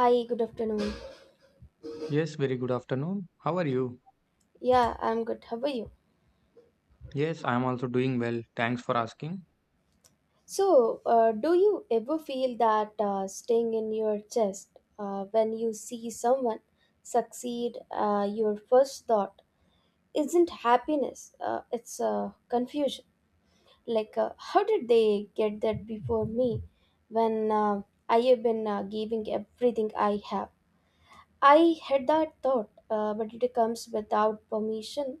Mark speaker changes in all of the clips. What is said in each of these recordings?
Speaker 1: Hi, good afternoon.
Speaker 2: Yes, very good afternoon. How are you?
Speaker 1: Yeah, I'm good. How are you?
Speaker 2: Yes, I am also doing well. Thanks for asking.
Speaker 1: So do you ever feel that sting in your chest when you see someone succeed? Your first thought isn't happiness, it's confusion. Like, how did they get that before me when I have been giving everything I have? I had that thought, but it comes without permission.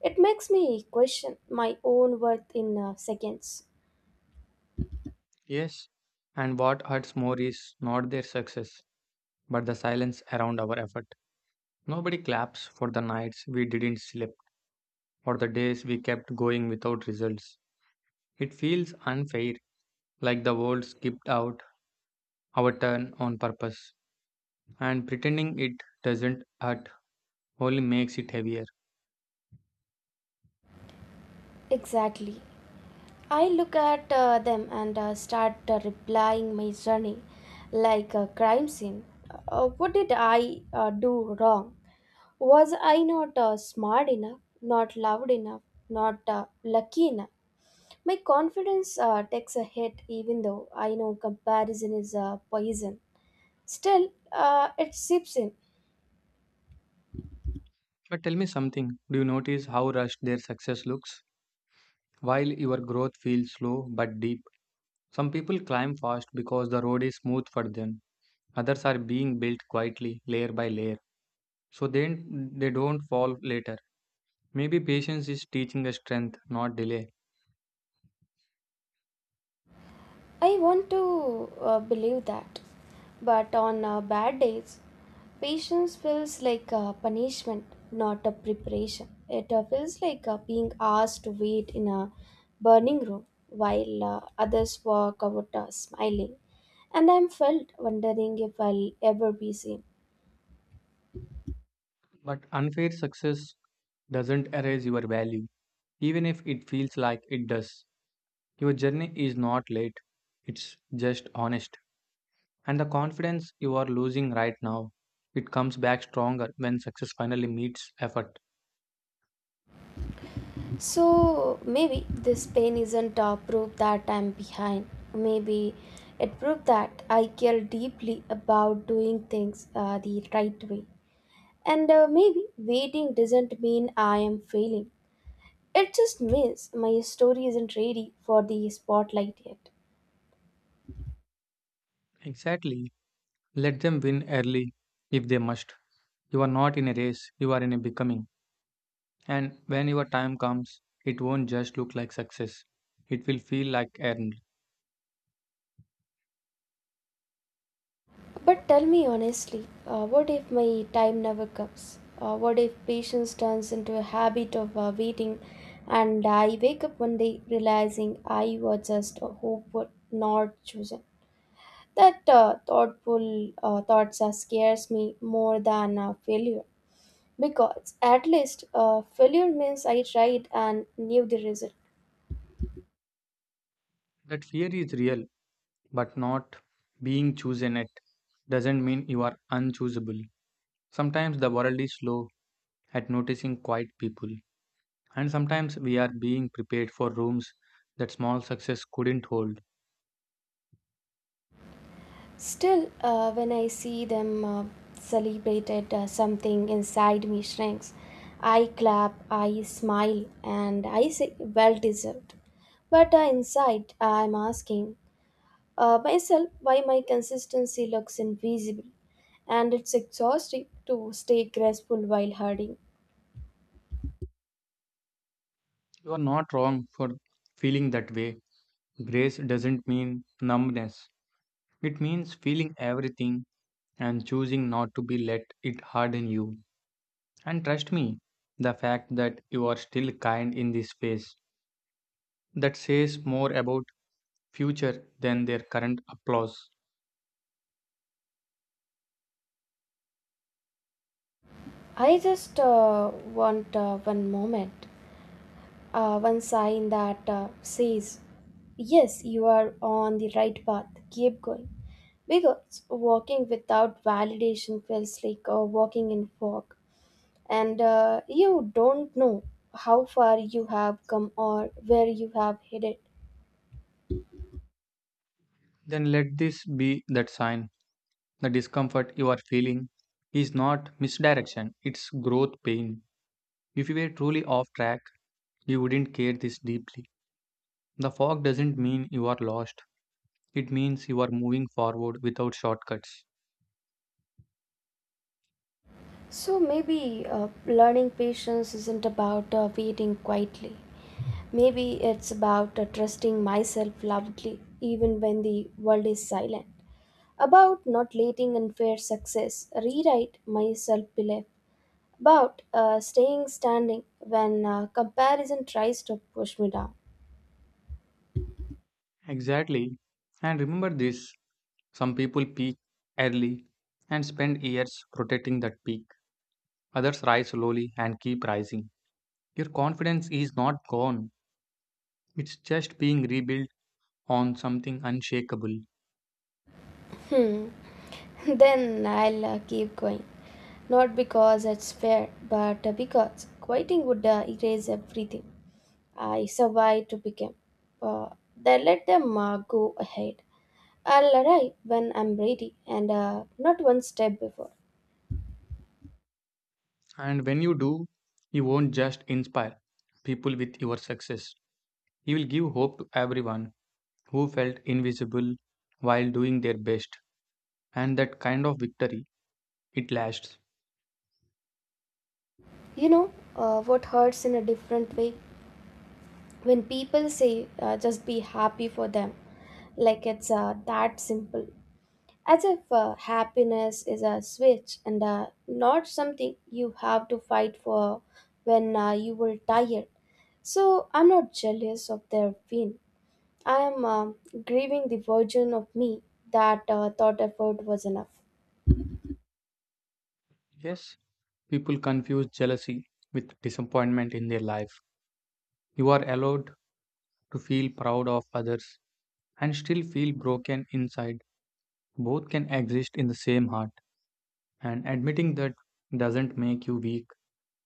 Speaker 1: It makes me question my own worth in seconds.
Speaker 2: Yes, and what hurts more is not their success, but the silence around our effort. Nobody claps for the nights we didn't sleep or the days we kept going without results. It feels unfair, like the world skipped out our turn on purpose, and pretending it doesn't hurt only makes it heavier.
Speaker 1: Exactly. I look at them and start replying my journey like a crime scene. What did I do wrong? Was I not smart enough, not loud enough, not lucky enough? My confidence takes a hit even though I know comparison is a poison. Still, it seeps in.
Speaker 2: But tell me something, do you notice how rushed their success looks? While your growth feels slow but deep, some people climb fast because the road is smooth for them. Others are being built quietly, layer by layer, so then they don't fall later. Maybe patience is teaching us strength, not delay.
Speaker 1: I want to believe that, but on bad days, patience feels like a punishment, not a preparation. It feels like being asked to wait in a burning room while others walk out smiling, and I'm felt wondering if I'll ever be seen.
Speaker 2: But unfair success doesn't erase your value, even if it feels like it does. Your journey is not late, it's just honest. And the confidence you are losing right now, it comes back stronger when success finally meets effort.
Speaker 1: So maybe this pain isn't a proof that I'm behind. Maybe it proved that I care deeply about doing things the right way. And maybe waiting doesn't mean I am failing. It just means my story isn't ready for the spotlight yet.
Speaker 2: Exactly. Let them win early if they must. You are not in a race, you are in a becoming. And when your time comes, it won't just look like success. It will feel like earned.
Speaker 1: But tell me honestly, what if my time never comes? What if patience turns into a habit of waiting and I wake up one day realizing I was just a hopeful, not chosen? That thoughtful thoughts scares me more than failure. Because at least failure means I tried and knew the result.
Speaker 2: That fear is real, but not being chosen at doesn't mean you are unchoosable. Sometimes the world is slow at noticing quiet people, and sometimes we are being prepared for rooms that small success couldn't hold.
Speaker 1: Still, when I see them celebrated, something inside me shrinks. I clap, I smile, and I say, well deserved. But inside, I'm asking myself why my consistency looks invisible, and it's exhausting to stay graceful while hurting.
Speaker 2: You are not wrong for feeling that way. Grace doesn't mean numbness. It means feeling everything and choosing not to be let it harden you. And trust me, the fact that you are still kind in this phase, that says more about future than their current applause.
Speaker 1: I just want one moment one sign that says, yes, you are on the right path, keep going. Because walking without validation feels like walking in fog, and you don't know how far you have come or where you have headed.
Speaker 2: Then let this be that sign. The discomfort you are feeling is not misdirection, it's growth pain. If you were truly off track, you wouldn't care this deeply. The fog doesn't mean you are lost. It means you are moving forward without shortcuts.
Speaker 1: So maybe learning patience isn't about waiting quietly. Maybe it's about trusting myself loudly, even when the world is silent. About not letting unfair success rewrite my self belief, about staying standing when comparison tries to push me down.
Speaker 2: Exactly. And remember this, some people peak early and spend years protecting that peak, others rise slowly and keep rising. Your confidence is not gone, it's just being rebuilt on something unshakable.
Speaker 1: Hmm. Then I'll keep going. Not because it's fair, but because quitting would erase everything. I survived to become. Uh, then let them go ahead. I'll arrive when I'm ready and not one step before.
Speaker 2: And when you do, you won't just inspire people with your success, you will give hope to everyone who felt invisible while doing their best. And that kind of victory, it lasts.
Speaker 1: You know what hurts in a different way? When people say just be happy for them, like it's that simple, as if happiness is a switch and not something you have to fight for when you were tired. So I'm not jealous of their pain, I am grieving the version of me that thought effort was enough.
Speaker 2: Yes. People confuse jealousy with disappointment in their life. You are allowed to feel proud of others and still feel broken inside. Both can exist in the same heart, and admitting that doesn't make you weak,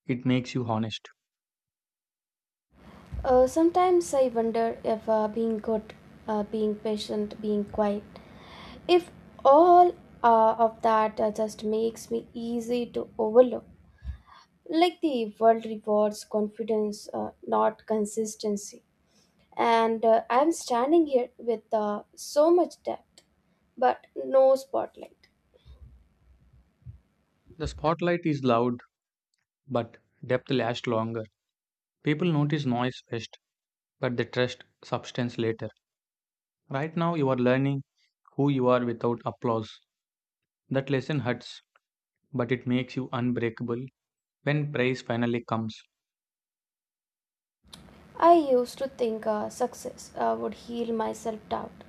Speaker 2: it makes you honest.
Speaker 1: Sometimes I wonder if being good, being patient, being quiet, if all of that just makes me easy to overlook, like the world rewards confidence, not consistency. And I'm standing here with so much depth, but no spotlight.
Speaker 2: The spotlight is loud, but depth lasts longer. People notice noise first, but they trust substance later. Right now, you are learning who you are without applause. That lesson hurts, but it makes you unbreakable when praise finally comes.
Speaker 1: I used to think success would heal my self doubt.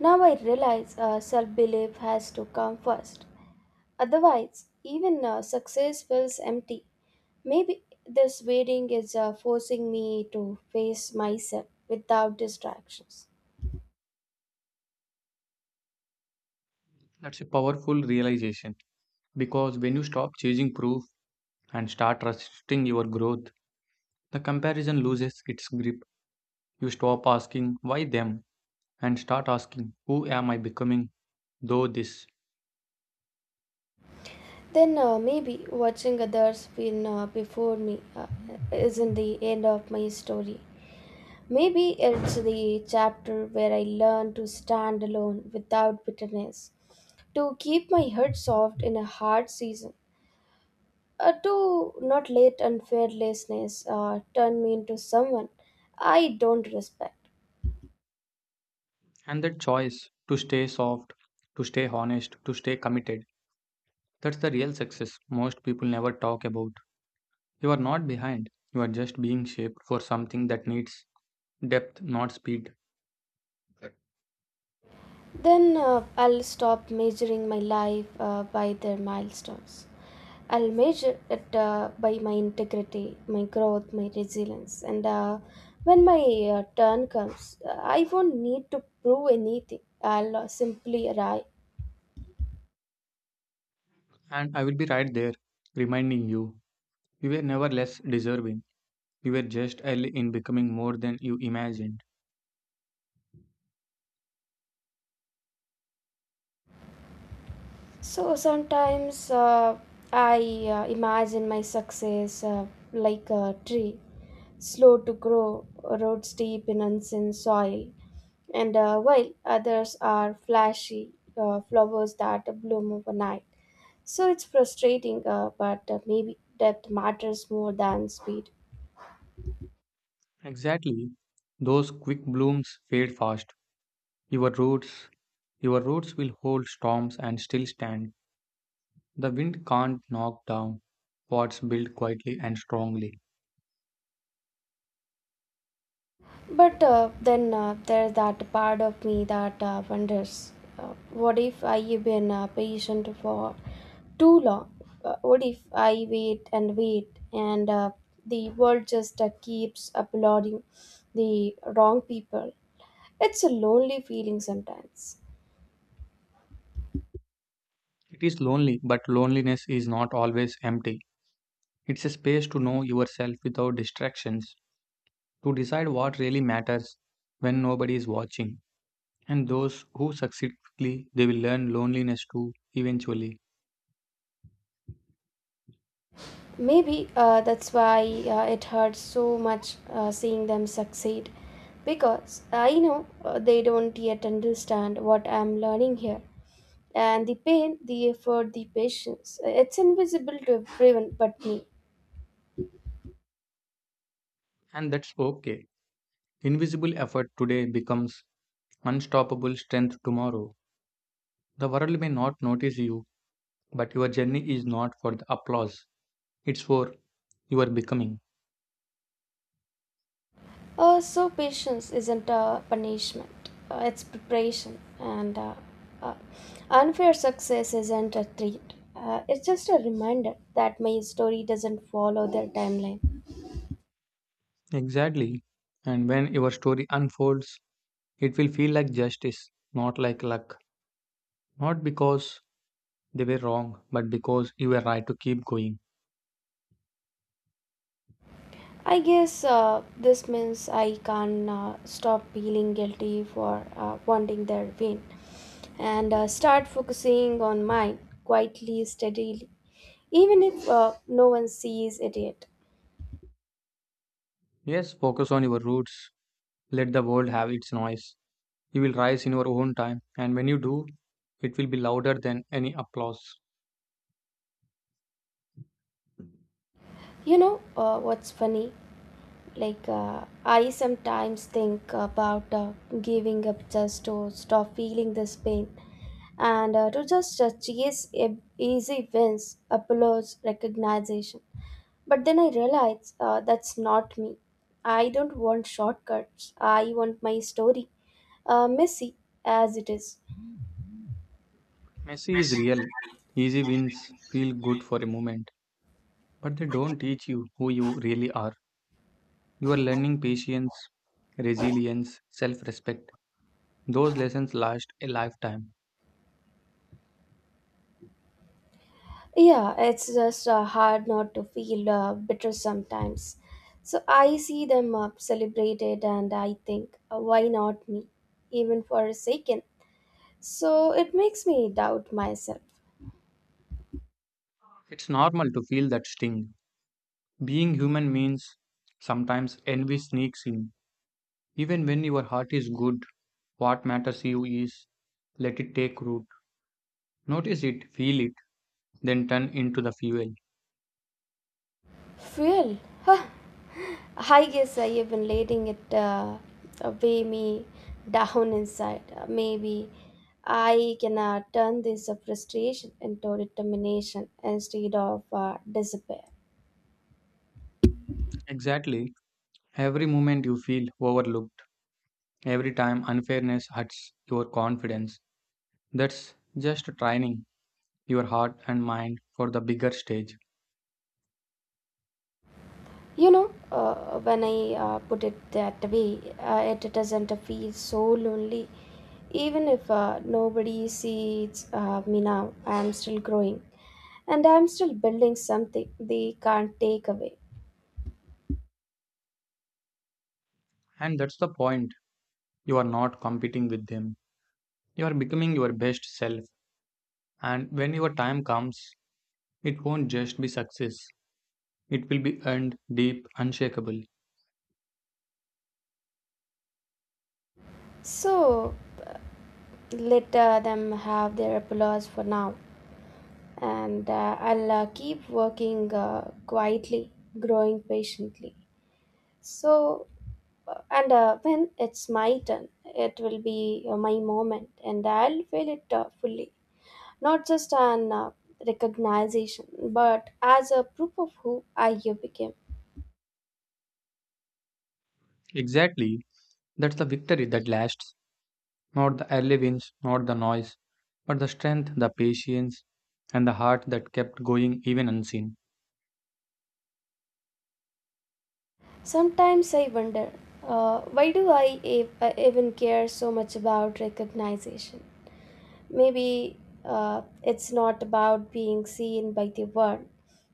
Speaker 1: Now I realize self belief has to come first. Otherwise, even success feels empty. Maybe this waiting is forcing me to face myself without distractions.
Speaker 2: That's a powerful realization because when you stop chasing proof and start trusting your growth, the comparison loses its grip. You stop asking, why them? And start asking, who am I becoming? Though this.
Speaker 1: Then maybe watching others win before me isn't the end of my story. Maybe it's the chapter where I learn to stand alone without bitterness, to keep my head soft in a hard season, to not let unfairlessness turn me into someone I don't respect.
Speaker 2: And that choice to stay soft, to stay honest, to stay committed, that's the real success most people never talk about. You are not behind, you are just being shaped for something that needs depth, not speed.
Speaker 1: Then I'll stop measuring my life by their milestones. I'll measure it by my integrity, my growth, my resilience. And when my turn comes, I won't need to prove anything. I'll simply arrive.
Speaker 2: And I will be right there, reminding you you were never less deserving. You were just early in becoming more than you imagined.
Speaker 1: So sometimes I imagine my success like a tree, slow to grow, roots deep in unseen soil, and while others are flashy flowers that bloom overnight. So it's frustrating, but maybe depth matters more than speed.
Speaker 2: Exactly. Those quick blooms fade fast. Your roots, your roots will hold storms and still stand. The wind can't knock down what's built quietly and strongly.
Speaker 1: But then there's that part of me that wonders what if I've been patient for too long? What if I wait and wait and the world just keeps applauding the wrong people? It's a lonely feeling sometimes.
Speaker 2: It is lonely, but loneliness is not always empty. It's a space to know yourself without distractions, to decide what really matters when nobody is watching. And those who succeed quickly, they will learn loneliness too eventually.
Speaker 1: Maybe that's why it hurts so much seeing them succeed. Because I know they don't yet understand what I'm learning here. And the pain, the effort, the patience, it's invisible to everyone but me.
Speaker 2: And that's okay. Invisible effort today becomes unstoppable strength tomorrow. The world may not notice you, but your journey is not for the applause, it's for your becoming.
Speaker 1: So, patience isn't a punishment, it's preparation. And uh, unfair success isn't a treat, it's just a reminder that my story doesn't follow their timeline.
Speaker 2: Exactly. And when your story unfolds, it will feel like justice, not like luck. Not because they were wrong, but because you were right to keep going.
Speaker 1: I guess this means I can stop feeling guilty for wanting their win and start focusing on mine quietly, steadily, even if no one sees it yet.
Speaker 2: Yes, focus on your roots. Let the world have its noise. You will rise in your own time, and when you do, it will be louder than any applause.
Speaker 1: You know what's funny? Like, I sometimes think about giving up just to stop feeling this pain and to just chase easy wins, applause, recognition. But then I realized that's not me. I don't want shortcuts. I want my story, messy as it is.
Speaker 2: Messi is real. Easy wins feel good for a moment, but they don't teach you who you really are. You are learning patience, resilience, self respect. Those lessons last a lifetime.
Speaker 1: Yeah, it's just hard not to feel bitter sometimes. So I see them celebrated and I think, why not me? Even for a second. So it makes me doubt myself.
Speaker 2: It's normal to feel that sting. Being human means sometimes envy sneaks in. Even when your heart is good, what matters you is let it take root. Notice it, feel it, then turn into the fuel.
Speaker 1: Fuel. Huh. I guess I have been letting it weigh me down inside. Maybe I can turn this frustration into determination instead of despair.
Speaker 2: Exactly. Every moment you feel overlooked, every time unfairness hurts your confidence. That's just training your heart and mind for the bigger stage.
Speaker 1: You know, when I put it that way, it doesn't feel so lonely. Even if nobody sees me now, I am still growing and I'm still building something they can't take away.
Speaker 2: And that's the point. You are not competing with them. You are becoming your best self. And when your time comes, it won't just be success. It will be earned, deep, unshakable.
Speaker 1: So uh, let them have their applause for now, and I'll keep working quietly, growing patiently. So, and when it's my turn, it will be my moment, and I'll feel it fully. Not just an recognition, but as a proof of who I became.
Speaker 2: Exactly. That's the victory that lasts. Not the early wins, not the noise, but the strength, the patience, and the heart that kept going even unseen.
Speaker 1: Sometimes I wonder. Why do I even care so much about recognition? Maybe it's not about being seen by the world.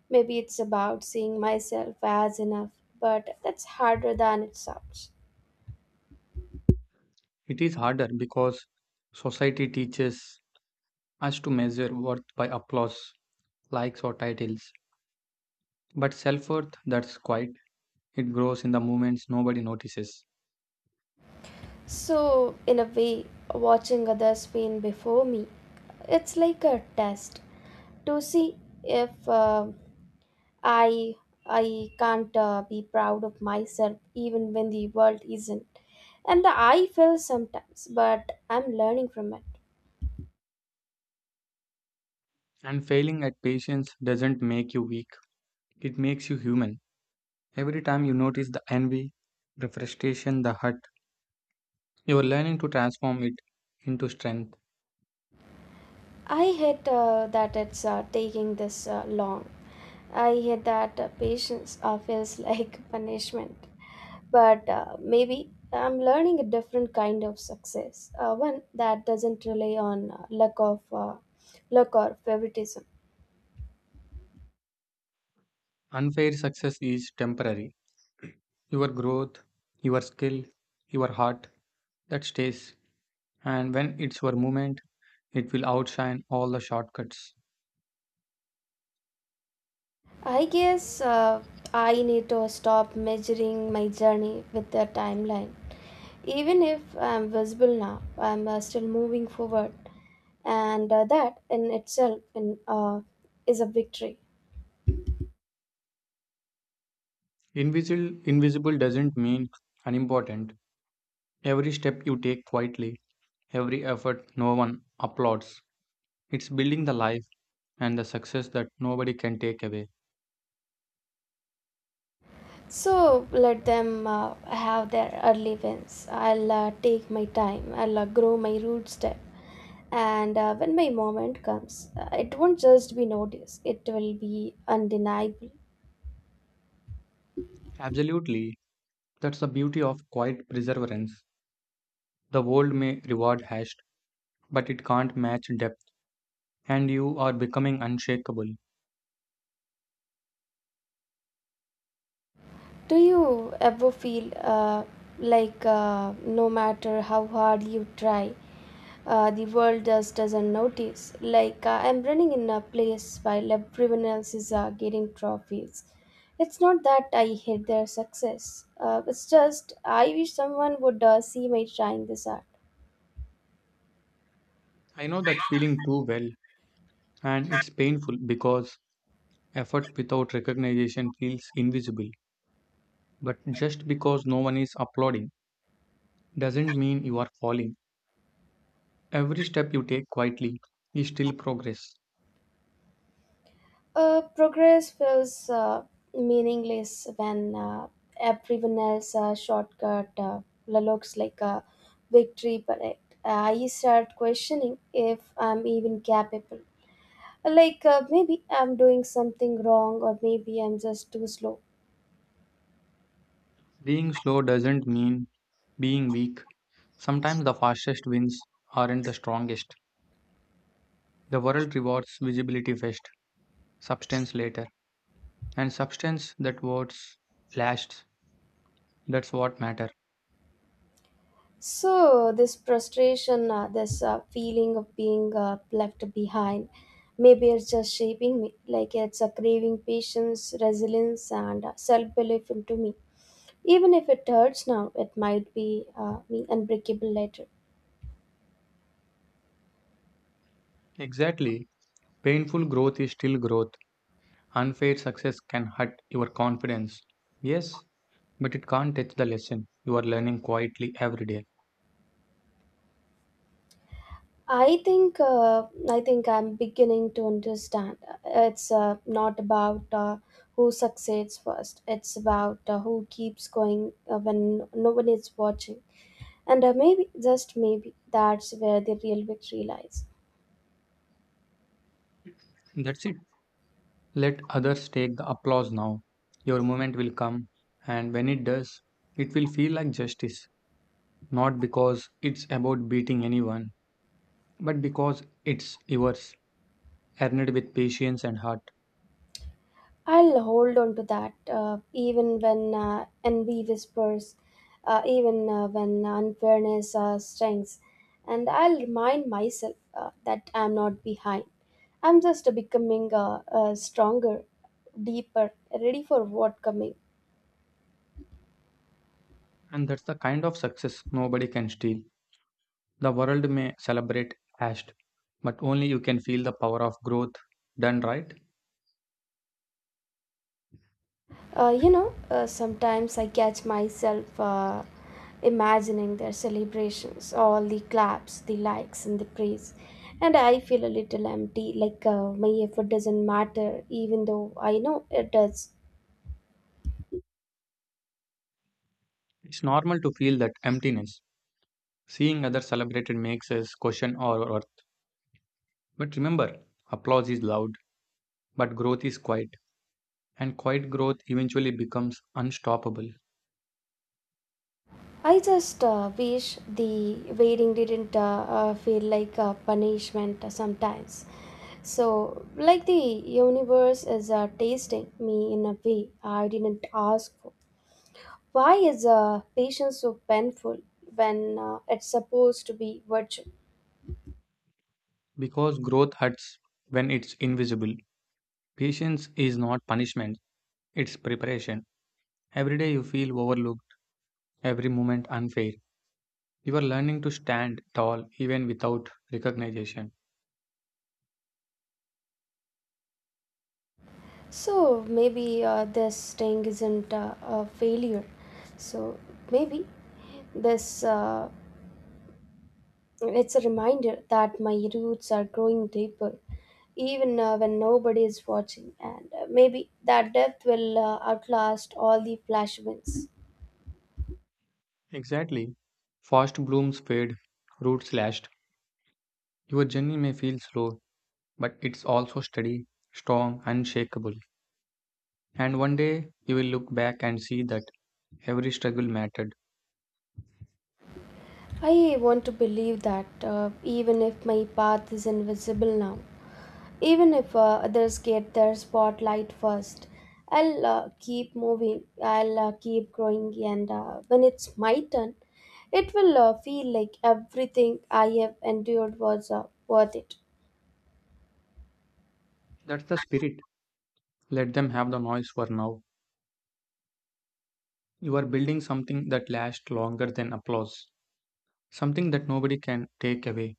Speaker 1: Maybe it's about seeing myself as enough, but that's harder than it sounds.
Speaker 2: It is harder because society teaches us to measure worth by applause, likes, or titles. But self worth that's quiet, it grows in the moments nobody notices.
Speaker 1: So, in a way, watching others being before me, it's like a test to see if I I can't be proud of myself even when the world isn't. And I fail sometimes, but I'm learning from it.
Speaker 2: And failing at patience doesn't make you weak, it makes you human. Every time you notice the envy, the frustration, the hurt, you are learning to transform it into strength.
Speaker 1: I hate that it's taking this long. I hear that patience feels like punishment, but maybe I'm learning a different kind of success, one that doesn't rely on luck or favoritism.
Speaker 2: Unfair success is temporary. Your growth, your skill, your heart, that stays. And when it's your moment, it will outshine all the shortcuts.
Speaker 1: I guess I need to stop measuring my journey with a timeline. Even if I'm visible now, I'm still moving forward, and that in itself is a victory.
Speaker 2: Invisible doesn't mean unimportant. Every step you take quietly, every effort no one applauds. It's building the life and the success that nobody can take away.
Speaker 1: So let them have their early wins. I'll take my time. I'll grow my root step. And when my moment comes, it won't just be noticed, it will be undeniable.
Speaker 2: Absolutely, that's the beauty of quiet perseverance. The world may reward haste, but it can't match depth. And you are becoming unshakable.
Speaker 1: Do you ever feel uh, like no matter how hard you try, the world just doesn't notice? Like I'm running in a place while everyone else is getting trophies. It's not that I hate their success. It's just I wish someone would see me trying this hard.
Speaker 2: I know that feeling too well, and it's painful because effort without recognition feels invisible. But just because no one is applauding doesn't mean you are falling. Every step you take quietly is still progress.
Speaker 1: Progress feels meaningless when everyone else shortcut looks like a victory parade. I start questioning if I'm even capable. Like maybe I'm doing something wrong, or maybe I'm just too slow.
Speaker 2: Being slow doesn't mean being weak. Sometimes the fastest wins aren't the strongest. The world rewards visibility first, substance later, and substance that words flashed. That's what matters.
Speaker 1: So this frustration, this feeling of being left behind, maybe it's just shaping me. Like it's a craving patience, resilience, and self-belief into me. Even if it hurts now, it might be unbreakable later.
Speaker 2: Exactly. Painful growth is still growth. Unfair success can hurt your confidence. Yes, but it can't touch the lesson you are learning quietly every day.
Speaker 1: I think I'm beginning to understand. It's not about who succeeds first. It's about who keeps going when no one is watching. And maybe, just maybe, that's where the real victory lies.
Speaker 2: That's it. Let others take the applause now. Your moment will come, and when it does, it will feel like justice. Not because it's about beating anyone, but because it's yours, earned with patience and heart.
Speaker 1: I'll hold on to that, even when envy whispers, even when unfairness strengths. And I'll remind myself that I'm not behind. I'm just becoming stronger, deeper, ready for what coming.
Speaker 2: And that's the kind of success nobody can steal. The world may celebrate hashed, but only you can feel the power of growth done right.
Speaker 1: Sometimes I catch myself imagining their celebrations, all the claps, the likes, and the praise. And I feel a little empty, like my effort doesn't matter, even though I know it does.
Speaker 2: It's normal to feel that emptiness. Seeing others celebrated makes us question our worth. But remember, applause is loud, but growth is quiet. And quiet growth eventually becomes unstoppable
Speaker 1: I just wish the waiting didn't feel like a punishment sometimes. So, like the universe is tasting me in a way I didn't ask for. Why is patience so painful when it's supposed to be virtue?
Speaker 2: because growth hurts when it's invisible. Patience is not punishment, it's preparation. Every day you feel overlooked, every moment unfair. You are learning to stand tall even without recognition.
Speaker 1: So maybe this staying isn't a failure. So maybe this it's a reminder that my roots are growing deeper, even when nobody is watching, and maybe that depth will outlast all the flash wins.
Speaker 2: Exactly. Fast blooms fade, roots lashed. Your journey may feel slow, but it's also steady, strong, unshakable. And one day you will look back and see that every struggle mattered.
Speaker 1: I want to believe that even if my path is invisible now, even if others get their spotlight first, I'll keep moving, I'll keep growing, and when it's my turn, it will feel like everything I have endured was worth it.
Speaker 2: That's the spirit. Let them have the noise for now. You are building something that lasts longer than applause, something that nobody can take away.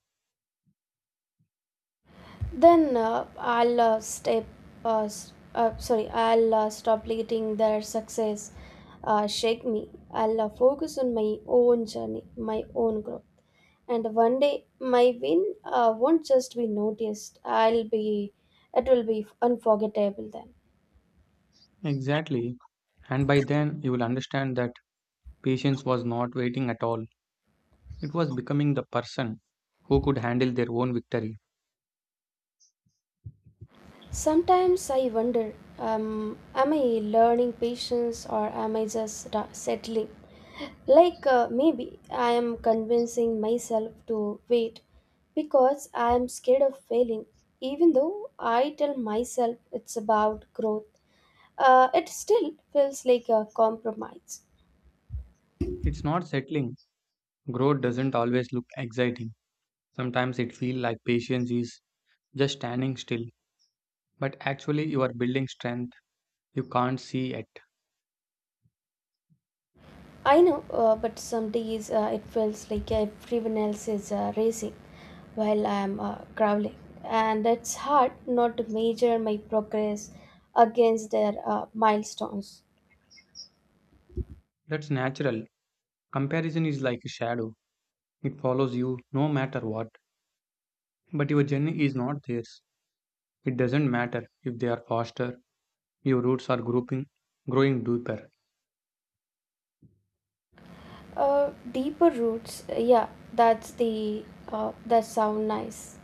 Speaker 1: Then I'll step, sorry, I'll stop letting their success shake me. I'll focus on my own journey, my own growth. And one day my win won't just be noticed, I'll be it will be unforgettable then.
Speaker 2: Exactly. And by then you will understand that patience was not waiting at all, it was becoming the person who could handle their own victory.
Speaker 1: Sometimes I wonder, um, am I learning patience, or am I just settling? Like maybe I am convincing myself to wait because I am scared of failing, even though I tell myself it's about growth, it still feels like a compromise.
Speaker 2: It's not settling. Growth doesn't always look exciting. Sometimes it feels like patience is just standing still, but actually you are building strength you can't see yet.
Speaker 1: I know, but some days it feels like everyone else is racing while I am crawling, and it's hard not to measure my progress against their milestones.
Speaker 2: That's natural. Comparison is like a shadow. It follows you no matter what. But your journey is not theirs. It doesn't matter if they are faster, your roots are grouping, growing deeper.
Speaker 1: Deeper roots, yeah, that's the that sound nice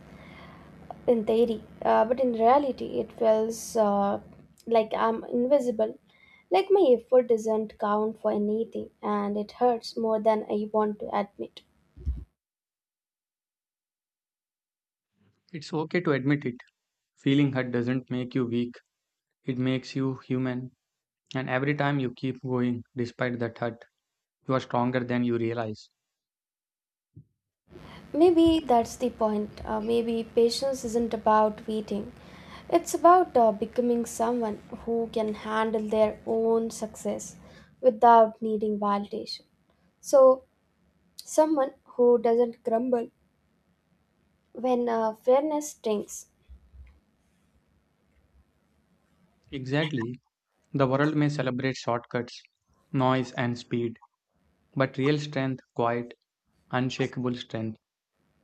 Speaker 1: in theory, but in reality, it feels like I'm invisible. Like my effort doesn't count for anything, and it hurts more than I want to admit.
Speaker 2: It's okay to admit it. Feeling hurt doesn't make you weak. It makes you human. And every time you keep going despite that hurt, you are stronger than you realize.
Speaker 1: Maybe that's the point. Maybe patience isn't about waiting. It's about becoming someone who can handle their own success without needing validation. So, someone who doesn't grumble when fairness stinks.
Speaker 2: Exactly. The world may celebrate shortcuts, noise, and speed, but real strength, quiet, unshakable strength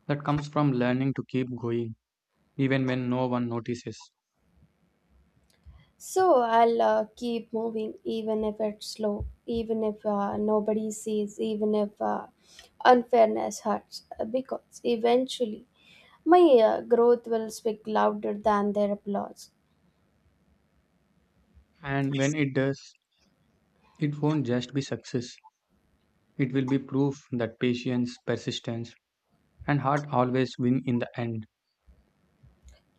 Speaker 2: that comes from learning to keep going even when no one notices.
Speaker 1: So, I'll keep moving even if it's slow, even if nobody sees, even if unfairness hurts, because eventually my growth will speak louder than their applause.
Speaker 2: And when it does, it won't just be success, it will be proof that patience, persistence, and heart always win in the end.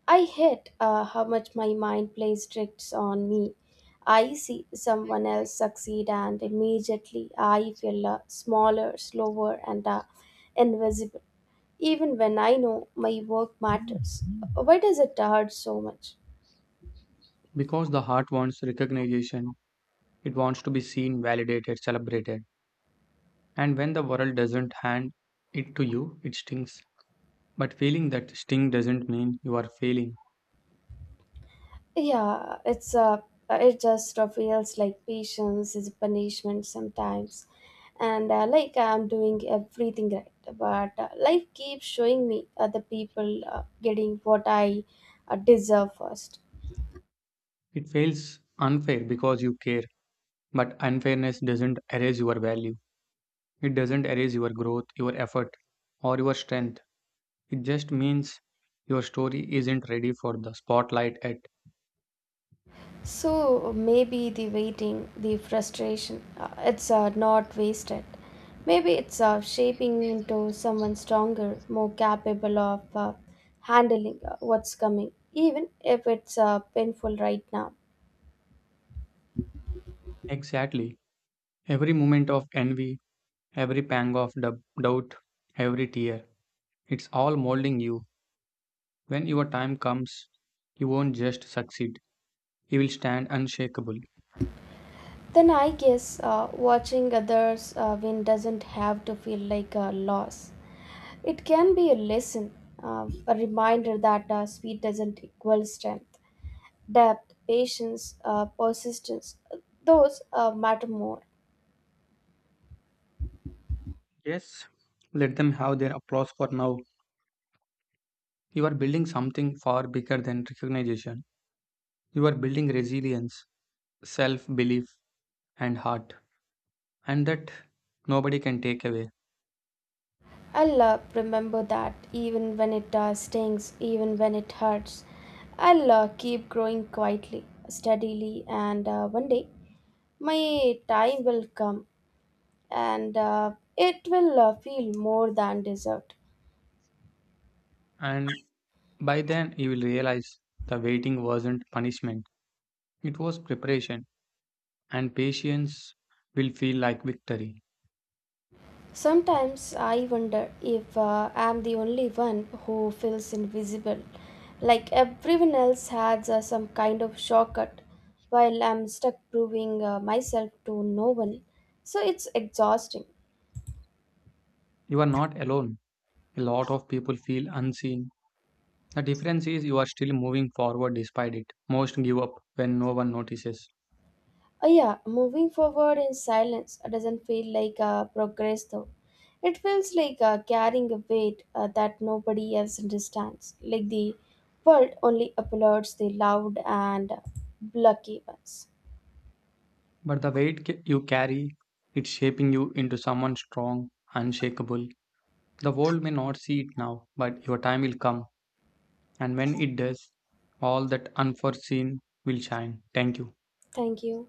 Speaker 1: I hate how much my mind plays tricks on me. I see someone else succeed, and immediately I feel smaller, slower, and invisible, even when I know my work matters. Why does it hurt so much?
Speaker 2: Because the heart wants recognition, it wants to be seen, validated, celebrated. And when the world doesn't hand it to you, it stings. But feeling that sting doesn't mean you are failing.
Speaker 1: Yeah, it just feels like patience is a punishment sometimes. And like I'm doing everything right, but life keeps showing me other people getting what I deserve first.
Speaker 2: It feels unfair because you care. But unfairness doesn't erase your value. It doesn't erase your growth, your effort, or your strength. It just means your story isn't ready for the spotlight yet.
Speaker 1: So maybe the waiting, the frustration, it's not wasted. Maybe it's shaping me into someone stronger, more capable of handling what's coming, even if it's painful right now.
Speaker 2: Exactly. Every moment of envy, every pang of doubt, every tear, it's all molding you. When your time comes, you won't just succeed, you will stand unshakable.
Speaker 1: Then I guess watching others win doesn't have to feel like a loss. It can be a lesson, a reminder that speed doesn't equal strength, depth, patience, persistence. Those matter more.
Speaker 2: Yes, let them have their applause for now. You are building something far bigger than recognition. You are building resilience, self belief, and heart, and that nobody can take away.
Speaker 1: I'll remember that even when it stings, even when it hurts. I'll keep growing quietly, steadily, and one day my time will come, and it will feel more than deserved.
Speaker 2: And by then, you will realize the waiting wasn't punishment, it was preparation, and patience will feel like victory.
Speaker 1: Sometimes I wonder if I'm the only one who feels invisible, like everyone else has some kind of shortcut, while I'm stuck proving myself to no one. So it's exhausting.
Speaker 2: You are not alone. A lot of people feel unseen. The difference is you are still moving forward despite it. Most give up when no one notices.
Speaker 1: Yeah, moving forward in silence doesn't feel like progress though. It feels like carrying a weight that nobody else understands, like the world only applauds the loud and lucky ones.
Speaker 2: But the weight you carry, it's shaping you into someone strong, unshakable. The world may not see it now, but your time will come. And when it does, all that unforeseen will shine. Thank you.
Speaker 1: Thank you.